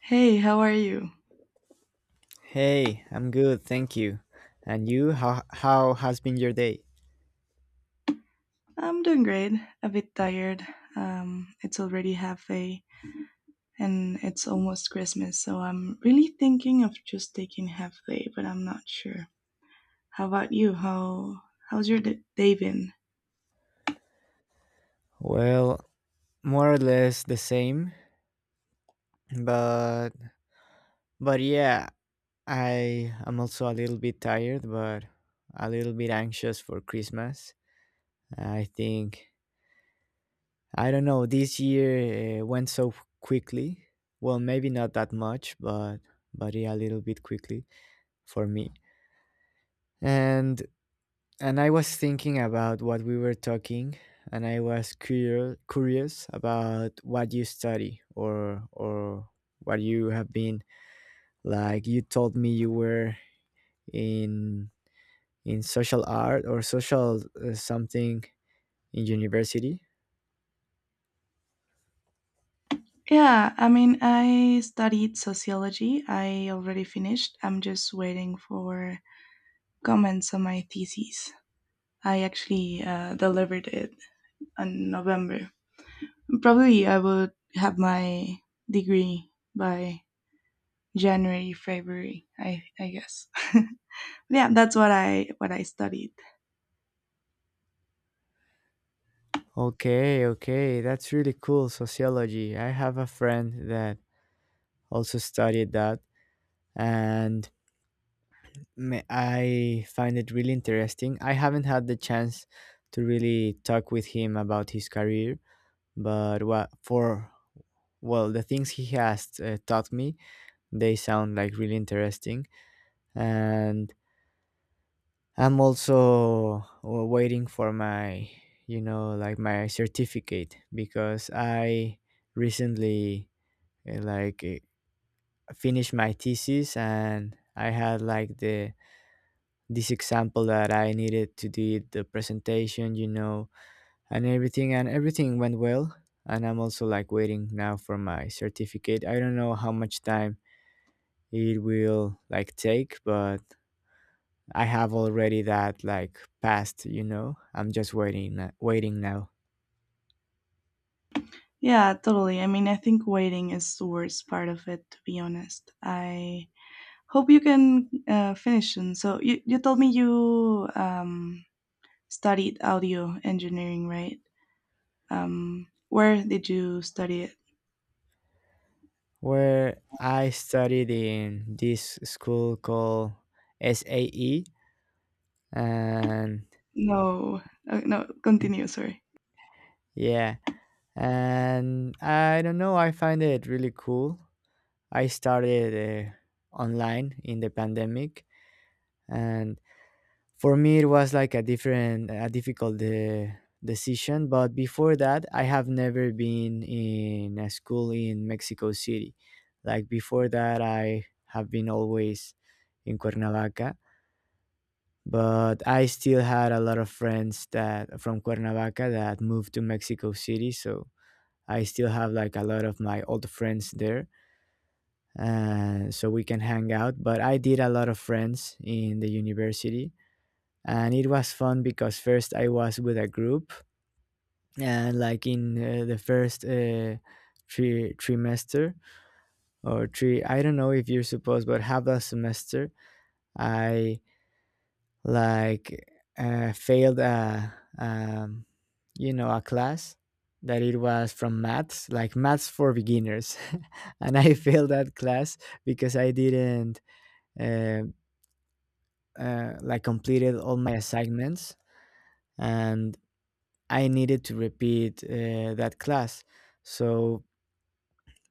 Hey, how are you? Hey, I'm good, thank you. And you, how has been your day? I'm doing great. A bit tired. It's already half day and it's almost Christmas, so I'm really thinking of just taking half day, but I'm not sure. How about you? How's your day been? Well, more or less the same, but but yeah, I am also a little bit tired, but a little bit anxious for Christmas. I think I don't know, this year went so quickly. Well, maybe not that much, but yeah, a little bit quickly for me. And And I was thinking about what we were talking, and I was curious about what you study or what you have been like. You told me you were in in social art or social something in university. Yeah, I mean, I studied sociology. I already finished. I'm just waiting for comments on my thesis. I actually delivered it in November. Probably I would have my degree by January, February, I guess. Yeah, that's what I studied. Okay, okay, that's really cool. Sociology. I have a friend that also studied that, and I find it really interesting. I haven't had the chance to really talk with him about his career, but what for well, the things he has taught me, they sound like really interesting. And I'm also waiting for my, like my certificate because I recently like finished my thesis, and I had like the this example that I needed to do the presentation, and everything went well. And I'm also like waiting now for my certificate. I don't know how much time it will like take, but I have already that like passed. I'm just waiting, waiting now. Yeah, totally. I mean, I think waiting is the worst part of it to be honest. I hope you can finish soon. So you told me you studied audio engineering, right? Um, where did you study it? Where I studied in this school called SAE, and No. No, continue, sorry. yeah, and I don't know, I find it really cool. I started online in the pandemic, and for me it was like a difficult decision. But before that, I have never been in a school in Mexico City. Like before that, I have been always in Cuernavaca. But I still had a lot of friends that from Cuernavaca that moved to Mexico City, so I still have like a lot of my old friends there. So we can hang out. But I did a lot of friends in the university. And it was fun because first I was with a group, and like in the first trimester or three, I don't know if you're supposed, but half a semester, I like failed um, a class that it was from maths, like maths for beginners, and I failed that class because I didn't uh, like completed all my assignments, and I needed to repeat that class. So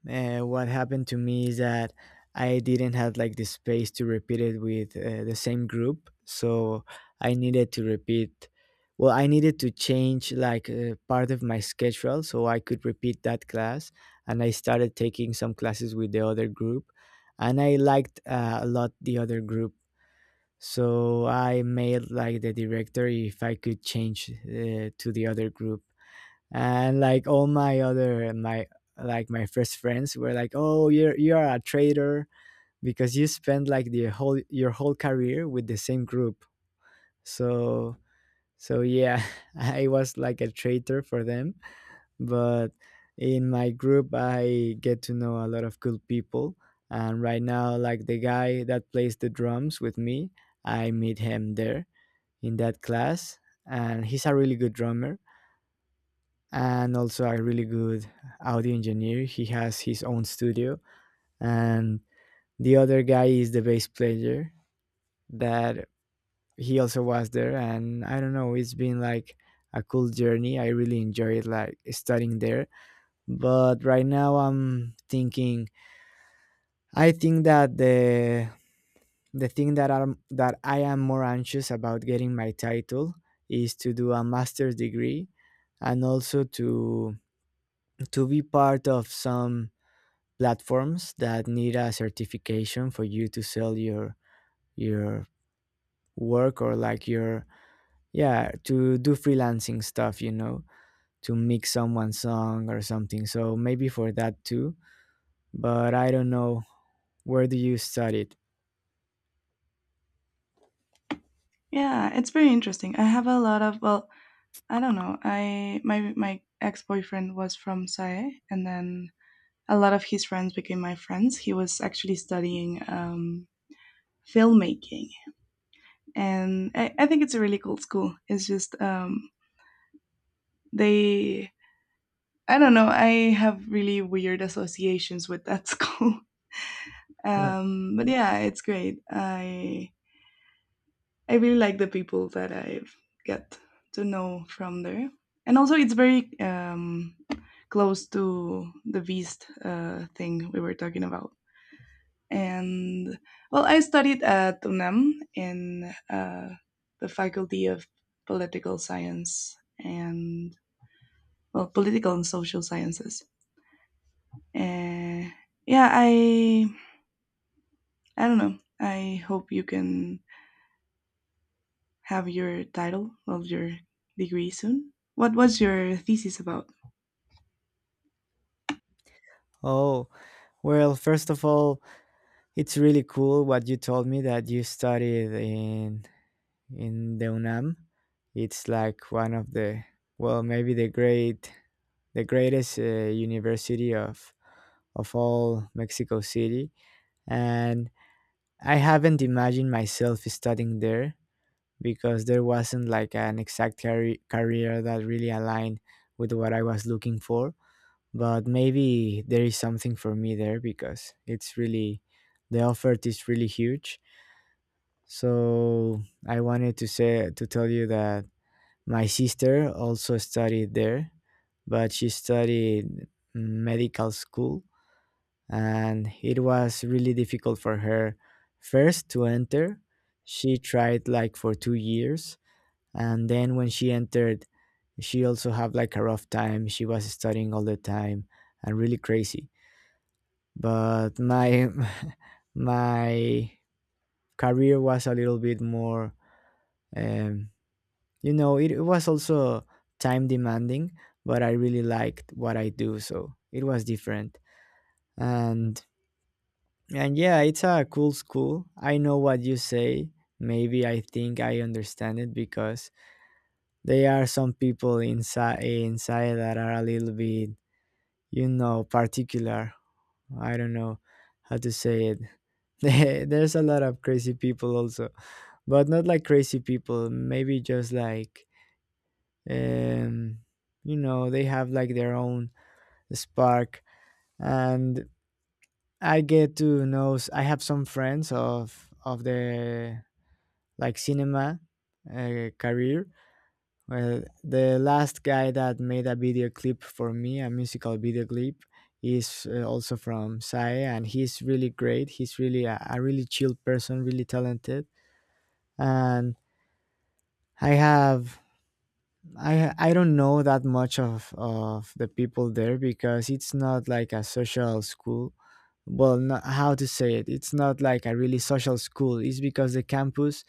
what happened to me is that I didn't have like the space to repeat it with the same group. So I needed to repeat. Well, I needed to change like part of my schedule so I could repeat that class. And I started taking some classes with the other group, and I liked a lot the other group, so I made like the director if I could change to the other group, and like all my first friends were like, "Oh, you're a traitor because you spent like the whole your whole career with the same group." So yeah, I was like a traitor for them, but in my group I get to know a lot of cool people, and right now like the guy that plays the drums with me, I meet him there in that class, and he's a really good drummer and also a really good audio engineer. He has his own studio, and the other guy is the bass player that he also was there. And I don't know, it's been like a cool journey. I really enjoyed like studying there. But right now I think that the thing that I am more anxious about getting my title is to do a master's degree, and also to be part of some platforms that need a certification for you to sell your work, or like your yeah, to do freelancing stuff, to mix someone's song or something, so maybe for that too. But I don't know, where do you study it? Yeah, it's very interesting. I have a lot of well, I don't know. I my my ex boyfriend was from SAE, and then a lot of his friends became my friends. He was actually studying filmmaking, and I think it's a really cool school. It's just they. I don't know. I have really weird associations with that school, but yeah, it's great. I really like the people that I get to know from there, and also it's very close to the Beast thing we were talking about. And well, I studied at UNAM in the Faculty of Political Science and well, Political and Social Sciences. Uh, yeah, I don't know. I hope you can have your title of your degree soon. What was your thesis about? Oh, well, first of all, it's really cool what you told me, that you studied in the UNAM. It's like one of the, well, maybe the greatest university of all Mexico City, and I haven't imagined myself studying there because there wasn't like an exact career that really aligned with what I was looking for. But maybe there is something for me there because it's really the offer is really huge. So I wanted to tell you that my sister also studied there, but she studied medical school, and it was really difficult for her first to enter. She tried like for 2 years, and then when she entered she also had like a rough time. She was studying all the time and really crazy. But my my career was a little bit more um, you know, it was also time demanding, but I really liked what I do, so it was different. And and yeah, it's a cool school. I know what you say. Maybe I think I understand it because there are some people inside that are a little bit, particular. I don't know how to say it. There's a lot of crazy people also, but not like crazy people, maybe just like um, they have like their own spark. And I get to know s- I have some friends of the like cinema career. Well, the last guy that made a video clip for me, a musical video clip, is also from SAE, and he's really great. He's really a really chill person, really talented. And I have I don't know that much of the people there because it's not like a social school. Well, not, how to say it? It's not like a really social school. It's because the campus,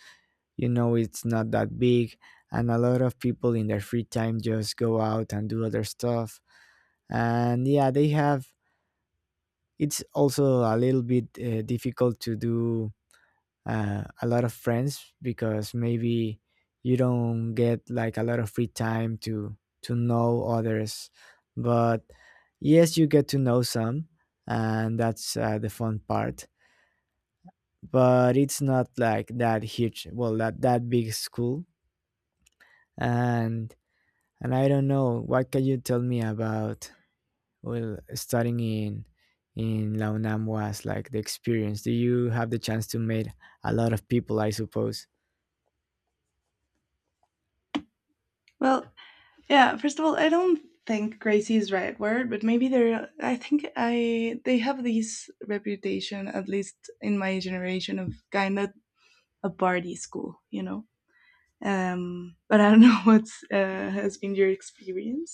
you know, it's not that big, and a lot of people in their free time just go out and do other stuff. And yeah, they have. It's also a little bit difficult to do a lot of friends because maybe you don't get like a lot of free time to know others. But yes, you get to know some, and that's the fun part. But it's not like that huge, well, that big school. And and I don't know, what can you tell me about, well, studying in la UNAM? Was like the experience, do you have the chance to meet a lot of people, I suppose? Well, yeah, first of all, I don't think crazy is right word, but maybe they're I think I they have this reputation, at least in my generation, of kinda a party school, you know? But I don't know what's has been your experience.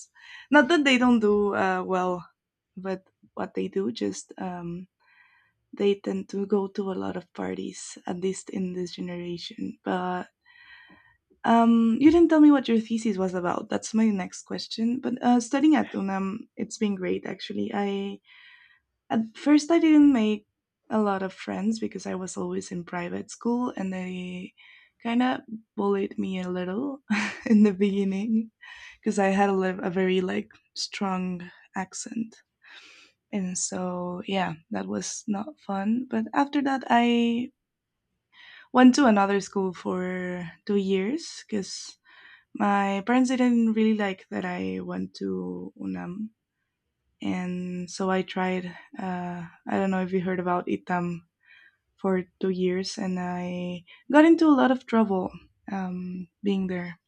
Not that they don't do well, but what they do just they tend to go to a lot of parties, at least in this generation. But you didn't tell me what your thesis was about. That's my next question. But studying at UNAM, it's been great actually. I at first I didn't make a lot of friends because I was always in private school, and they kind of bullied me a little in the beginning because I had a very like strong accent. And so, yeah, that was not fun. But after that, I went to another school for 2 years because my parents didn't really like that I went to UNAM, and so I tried. I don't know if you heard about ITAM for 2 years, and I got into a lot of trouble being there.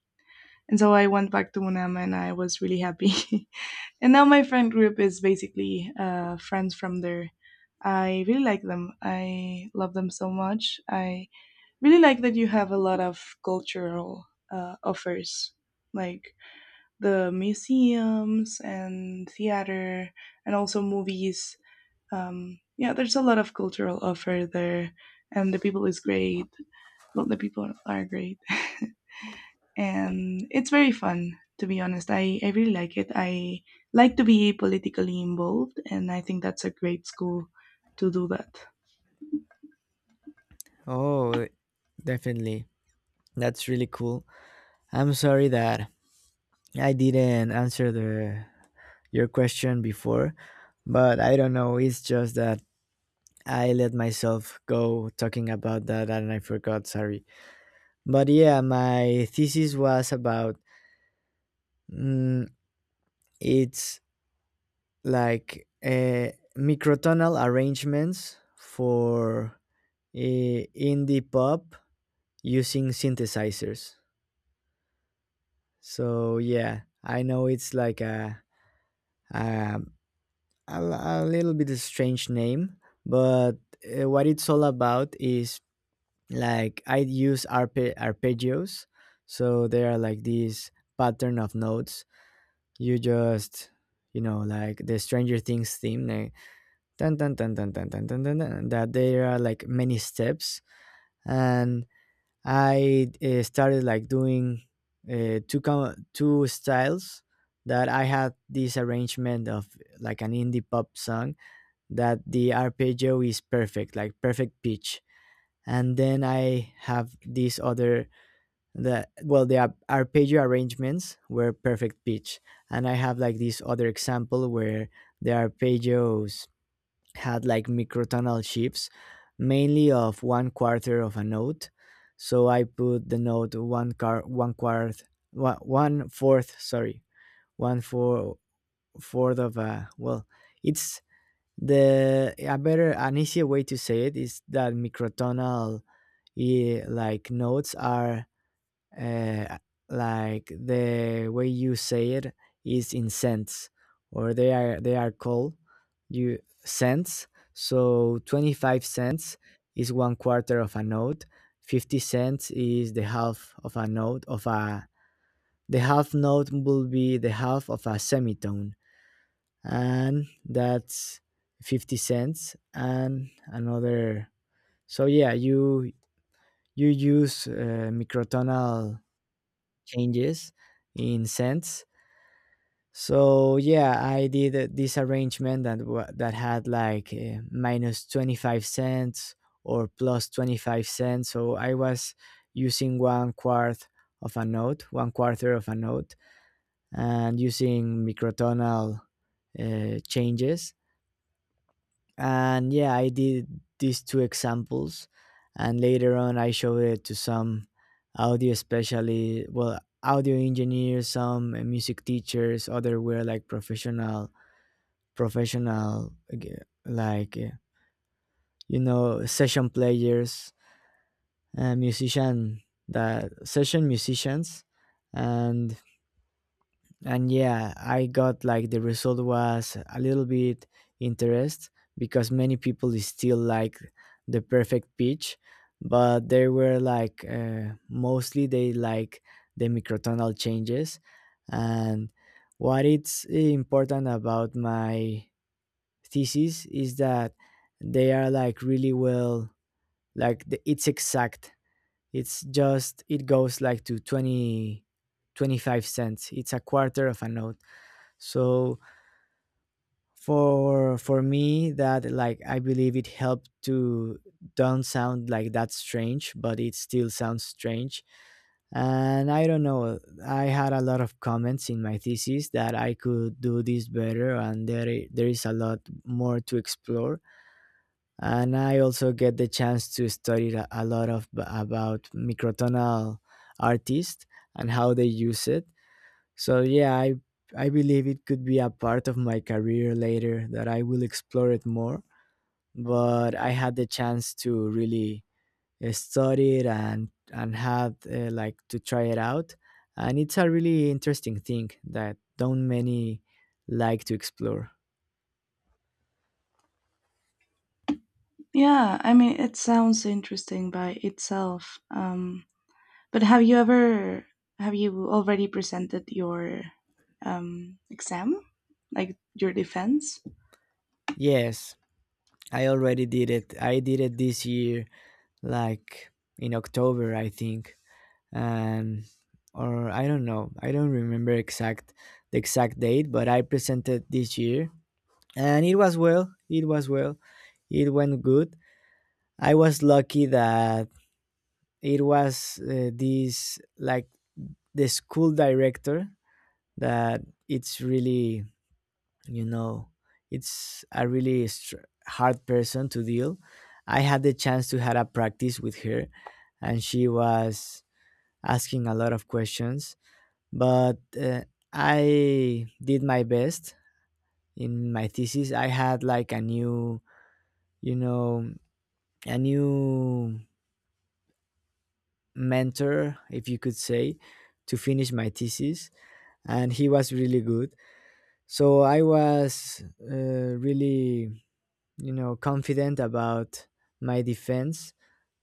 And so I went back to UNAM, and I was really happy. And now my friend group is basically friends from there. I really like them. I love them so much. I really like that you have a lot of cultural offers. Like the museums and theater and also movies. Yeah, there's a lot of cultural offer there, and the people is great. Well, the people are great, and it's very fun. To be honest, I really like it. I like to be politically involved, and I think that's a great school to do that. Oh, definitely. That's really cool. I'm sorry that I didn't answer the your question before, but I don't know, it's just that I let myself go talking about that and I forgot, sorry. But yeah, my thesis was about, mm, it's like microtonal arrangements for indie pop using synthesizers. So yeah, I know it's like Um, a little bit strange name, but what it's all about is like I use arpeggios, so they are like these pattern of notes. You just, like the Stranger Things theme, like, dun, dun, dun, dun, dun, dun, dun, dun, dun, that there are like many steps, and I started like doing two two styles, that I had this arrangement of like an indie pop song, that the arpeggio is perfect, like perfect pitch. And then I have these other, the, well, the arpeggio arrangements were perfect pitch, and I have like this other example where the arpeggios had like microtonal shifts, mainly of one quarter of a note. So I put the note one, one fourth sorry one four fourth of a well it's the a better an easier way to say it is that microtonal, like, notes are, uh, like, the way you say it is in cents, or they are called, you cents. So 25 cents is one quarter of a note. 50 cents is the half of a note, of a the half note will be the half of a semitone, and that's 50 cents and another. So yeah, you use microtonal changes in cents. So yeah, I did this arrangement that that had like, minus 25 cents or plus 25 cents, so I was using one quarter of a note, and using microtonal changes. And yeah, I did these two examples, and later on I showed it to some audio especially well audio engineers, some music teachers, other were like professional, like, you know, session players, musician that session musicians. and and yeah, I got like the result was a little bit interest, because many people is still like the perfect pitch, but they were like, mostly they like the microtonal changes. And what it's important about my thesis is that they are like really well, like it's exact. It's just it goes like to twenty twenty five cents, it's a quarter of a note. So for me that, like, I believe it helped to don't sound like that strange, but it still sounds strange. And I don't know, I had a lot of comments in my thesis that I could do this better, and there is a lot more to explore. And I also get the chance to study a lot of about microtonal artists and how they use it. So yeah, I believe it could be a part of my career later, that I will explore it more. But I had the chance to really, study it, and had, like, to try it out, and it's a really interesting thing that don't many like to explore. Yeah, I mean, it sounds interesting by itself. But have you ever have you already presented your exam, like your defense? Yes, I already did it. I did it this year, like in October, I think. And or I don't know, I don't remember exact the exact date, but I presented this year, and it was it went good. I was lucky that it was, this, like, the school director, that it's really, you know, it's a really hard person to deal. I had the chance to have a practice with her, and she was asking a lot of questions, but I did my best. In my thesis I had, like, a new, you know, a new mentor, if you could say, to finish my thesis. And he was really good, so I was, really, you know, confident about my defense.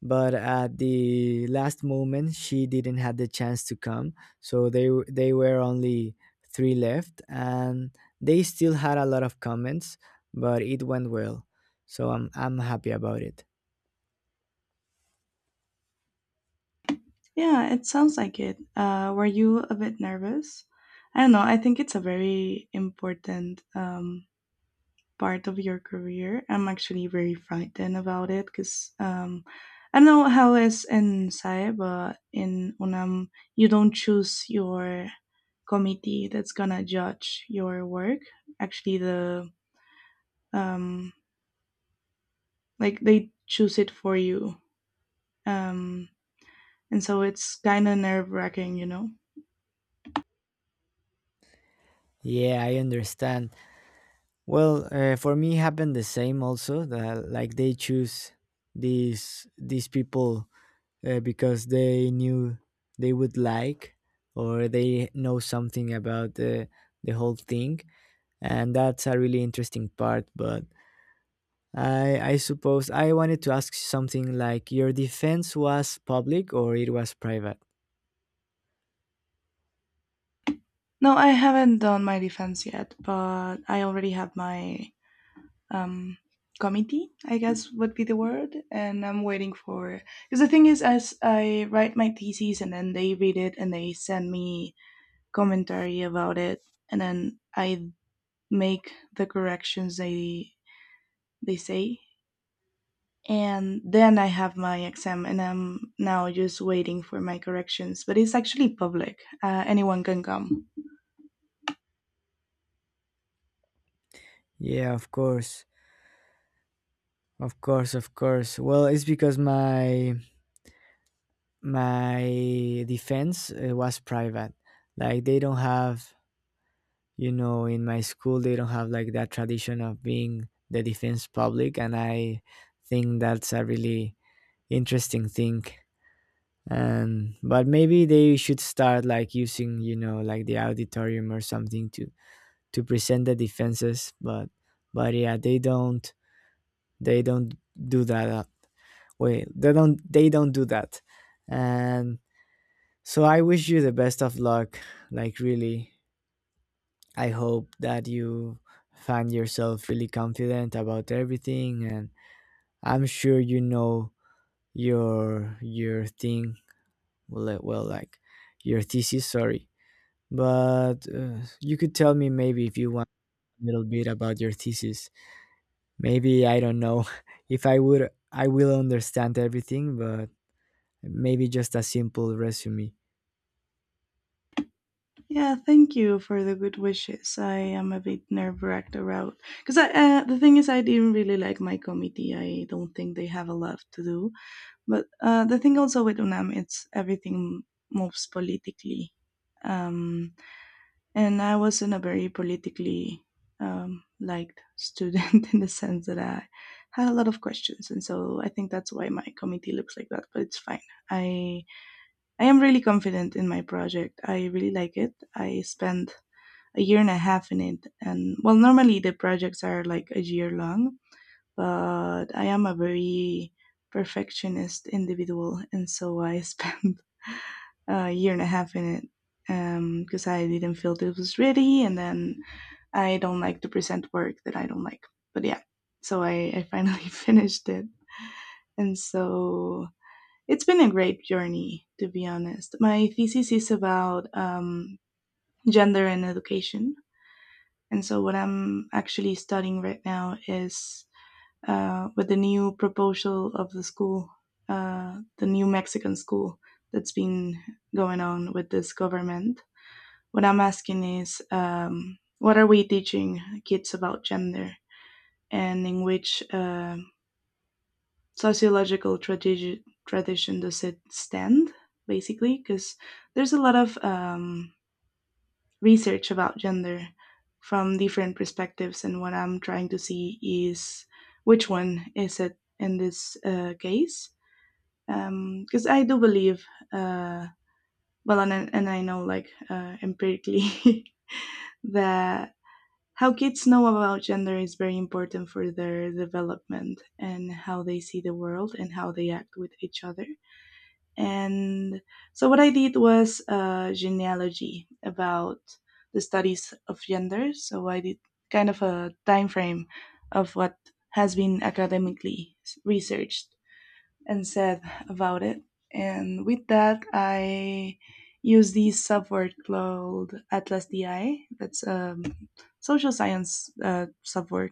But at the last moment she didn't have the chance to come, so they were only three left, and they still had a lot of comments, but it went well. So I'm happy about it. Yeah, it sounds like it. Were you a bit nervous? I don't know. I think it's a very important part of your career. I'm actually very frightened about it because I don't know how it's in SAE, but in UNAM, you don't choose your committee that's gonna judge your work. Actually, the um, like they choose it for you, um, and so it's kind of nerve wracking, you know. Yeah, I understand. Well, for me it happened the same, also, that, like, they choose these people, because they knew they would like, or they know something about the whole thing. And that's a really interesting part, but I suppose I wanted to ask something, like, your defense was public or it was private? No, I haven't done my defense yet, but I already have my um, committee, I guess would be the word. And I'm waiting for because the thing is, as I write my thesis and then they read it and they send me commentary about it, and then I make the corrections they say, and then I have my exam, and I'm now just waiting for my corrections. But it's actually public; anyone can come. Yeah, of course. Of course, of course. Well, it's because my defense, was private. Like, they don't have. You know, in my school, they don't have like that tradition of being the defense public, and I think that's a really interesting thing. And but maybe they should start, like, using, you know, like the auditorium or something to present the defenses. But yeah, they don't do that. Wait, they don't do that. And so I wish you the best of luck. Like, really, I hope that you find yourself really confident about everything, and I'm sure you know your thing, well, like, your thesis, sorry. But you could tell me, maybe, if you want, a little bit about your thesis. Maybe I don't know if I will understand everything, but maybe just a simple resume. Yeah, thank you for the good wishes. I am a bit nerve wracked around because I the thing is I didn't really like my committee. I don't think they have a lot to do. But the thing also with UNAM, it's everything moves politically, um, and I wasn't a very politically liked student in the sense that I had a lot of questions, and so I think that's why my committee looks like that. But it's fine. I I am really confident in my project. I really like it. I spent 1.5 years in it. And well, normally the projects are like a year long, but I am a very perfectionist individual, and so I spent a year and a half in it because I didn't feel it was ready, and then I don't like to present work that I don't like. But yeah, so I finally finished it, and so it's been a great journey to be honest. My thesis is about gender and education, and so, what I'm actually studying right now is with the new proposal of the school, the new Mexican school that's been going on with this government. What I'm asking is, what are we teaching kids about gender, and in which sociological tradition does it stand? Basically, because there's a lot of research about gender from different perspectives, and what I'm trying to see is which one is it in this case? Because I do believe, uh, and I know like empirically that how kids know about gender is very important for their development and how they see the world and how they act with each other. And so what I did was genealogy about the studies of gender. So I did kind of a time frame of what has been academically researched and said about it. And with that, I use this subword called Atlas DI. That's a social science subword.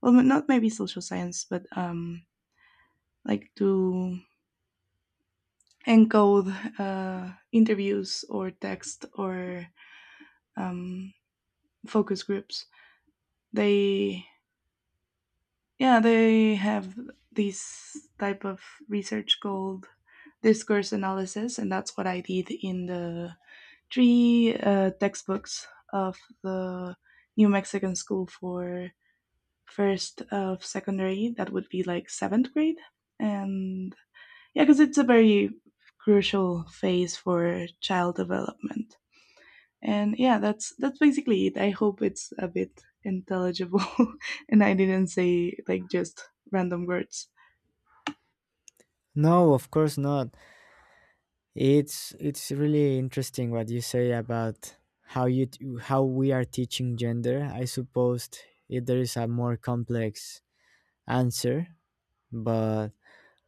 Well, not maybe social science, but like to encode interviews or text or um, focus groups. They yeah they have this type of research called discourse analysis, and that's what I did in the three textbooks of the New Mexican School for first of secondary. That would be like seventh grade, and yeah, because it's a very crucial phase for child development. And yeah, that's basically it. I hope it's a bit intelligible and I didn't say like just random words. No, of course not. It's really interesting what you say about how we are teaching gender. I suppose there is a more complex answer, but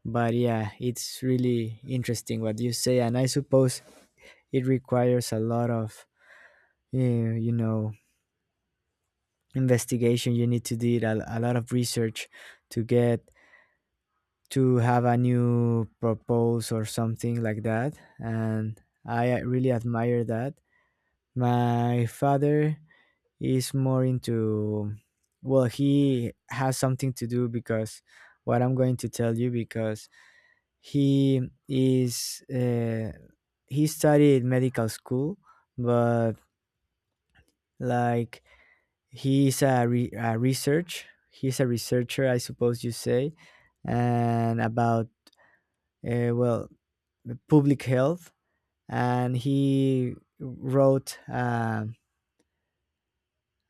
yeah, it's really interesting what you say, and I suppose it requires a lot of, you know, investigation. You need to do a lot of research to get to have a new proposal or something like that, and I really admire that. My father is more into, well, he has something to do because what I'm going to tell you, because he is, uh, he studied medical school, but, like, he's a, re- a research, he's a researcher, I suppose you say, and about, well, public health. And he wrote,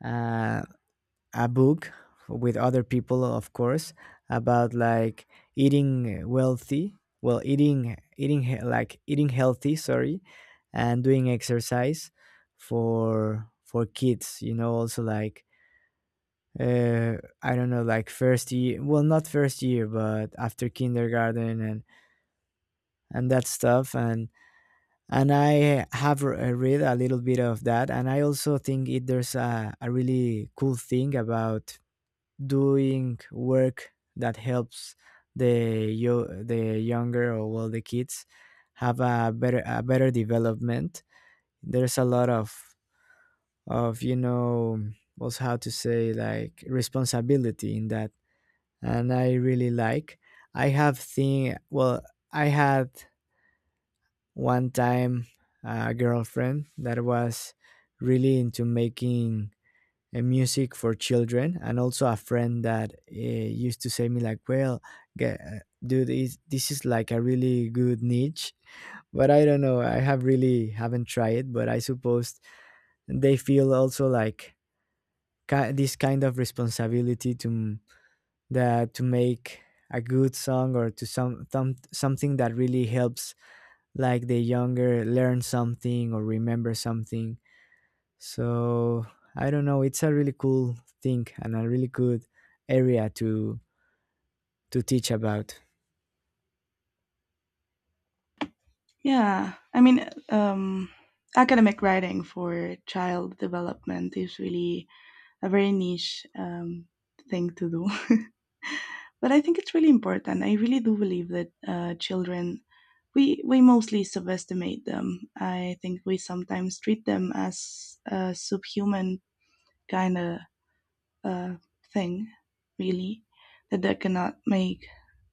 uh, a book, with other people of course, about like eating wealthy well eating eating he- like eating healthy, sorry. And doing exercise for kids, you know, also like, uh I don't know, like first year, well, not first year, but after kindergarten and that stuff. And I have, read a little bit of that, and I also think it there's a really cool thing about doing work that helps the younger, or well the kids, have a better development. There's a lot of you know, what's how to say, like, responsibility in that. And I really like. I have thing well I had one time a girlfriend that was really into making music for children, and also a friend that, used to say me, like, well, dude, this is like a really good niche. But I don't know, I have really haven't tried it, but I suppose they feel also like this kind of responsibility, to m- that to make a good song, or to something that really helps, like, the younger learn something or remember something. So I don't know, it's a really cool thing and a really good area to teach about. Yeah, I mean, academic writing for child development is really a very niche thing to do. But I think it's really important. I really do believe that children, we mostly subestimate them. I think we sometimes treat them as subhuman kind of uh, thing, really, that they cannot make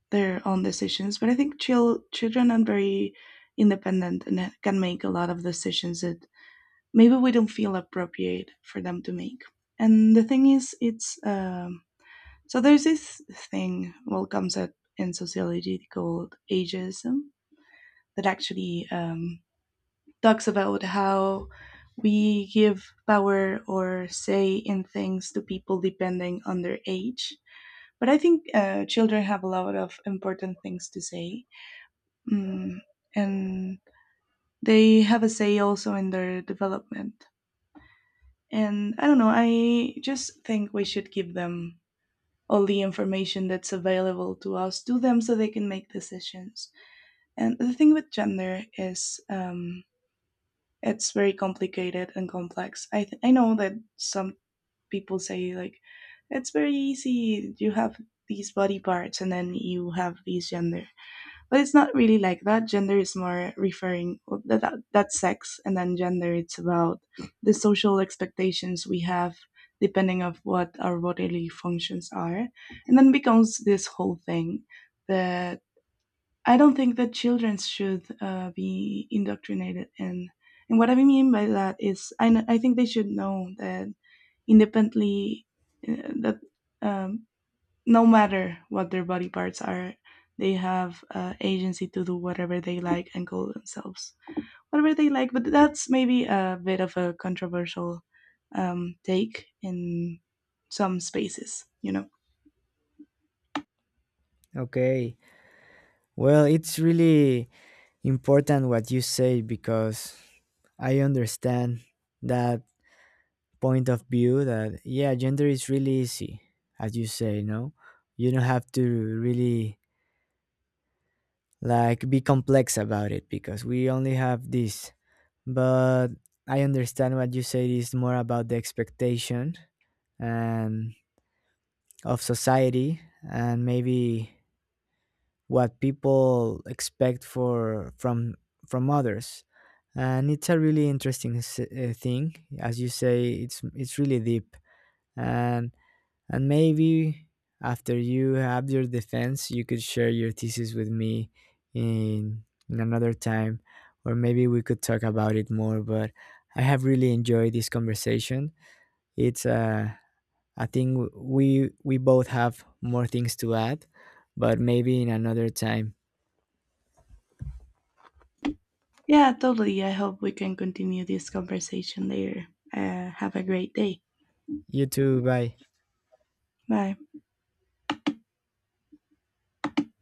their own decisions. But I think children are very independent and can make a lot of decisions that maybe we don't feel appropriate for them to make. And the thing is, it's so there's this thing, well, comes up in sociology called ageism that actually talks about how we give power or say in things to people depending on their age, but I think children have a lot of important things to say, mm, and they have a say also in their development. And I don't know, I just think we should give them all the information that's available to us to them so they can make decisions. And the thing with gender is it's very complicated and complex. I know that some people say, like, it's very easy, you have these body parts and then you have these gender, but it's not really like that. Gender is more referring well, that's sex, and then gender it's about the social expectations we have depending of what our bodily functions are, and then becomes this whole thing that I don't think that children should be indoctrinated in. And what I mean by that is, I think they should know that independently that um, no matter what their body parts are, they have agency to do whatever they like and call themselves whatever they like. But that's maybe a bit of a controversial take in some spaces, you know. Okay, well, it's really important what you say, because I understand that point of view, that, yeah, gender is really easy, as you say. No, you don't have to really, like, be complex about it because we only have this. But I understand what you say is more about the expectation, and of society, and maybe what people expect for from others. And it's a really interesting, thing. As you say, it's really deep. And and maybe after you have your defense, you could share your thesis with me in in another time, or maybe we could talk about it more, but I have really enjoyed this conversation. It's I think we both have more things to add, but maybe in another time. Yeah, totally. I hope we can continue this conversation later. Have a great day. You too. Bye. Bye.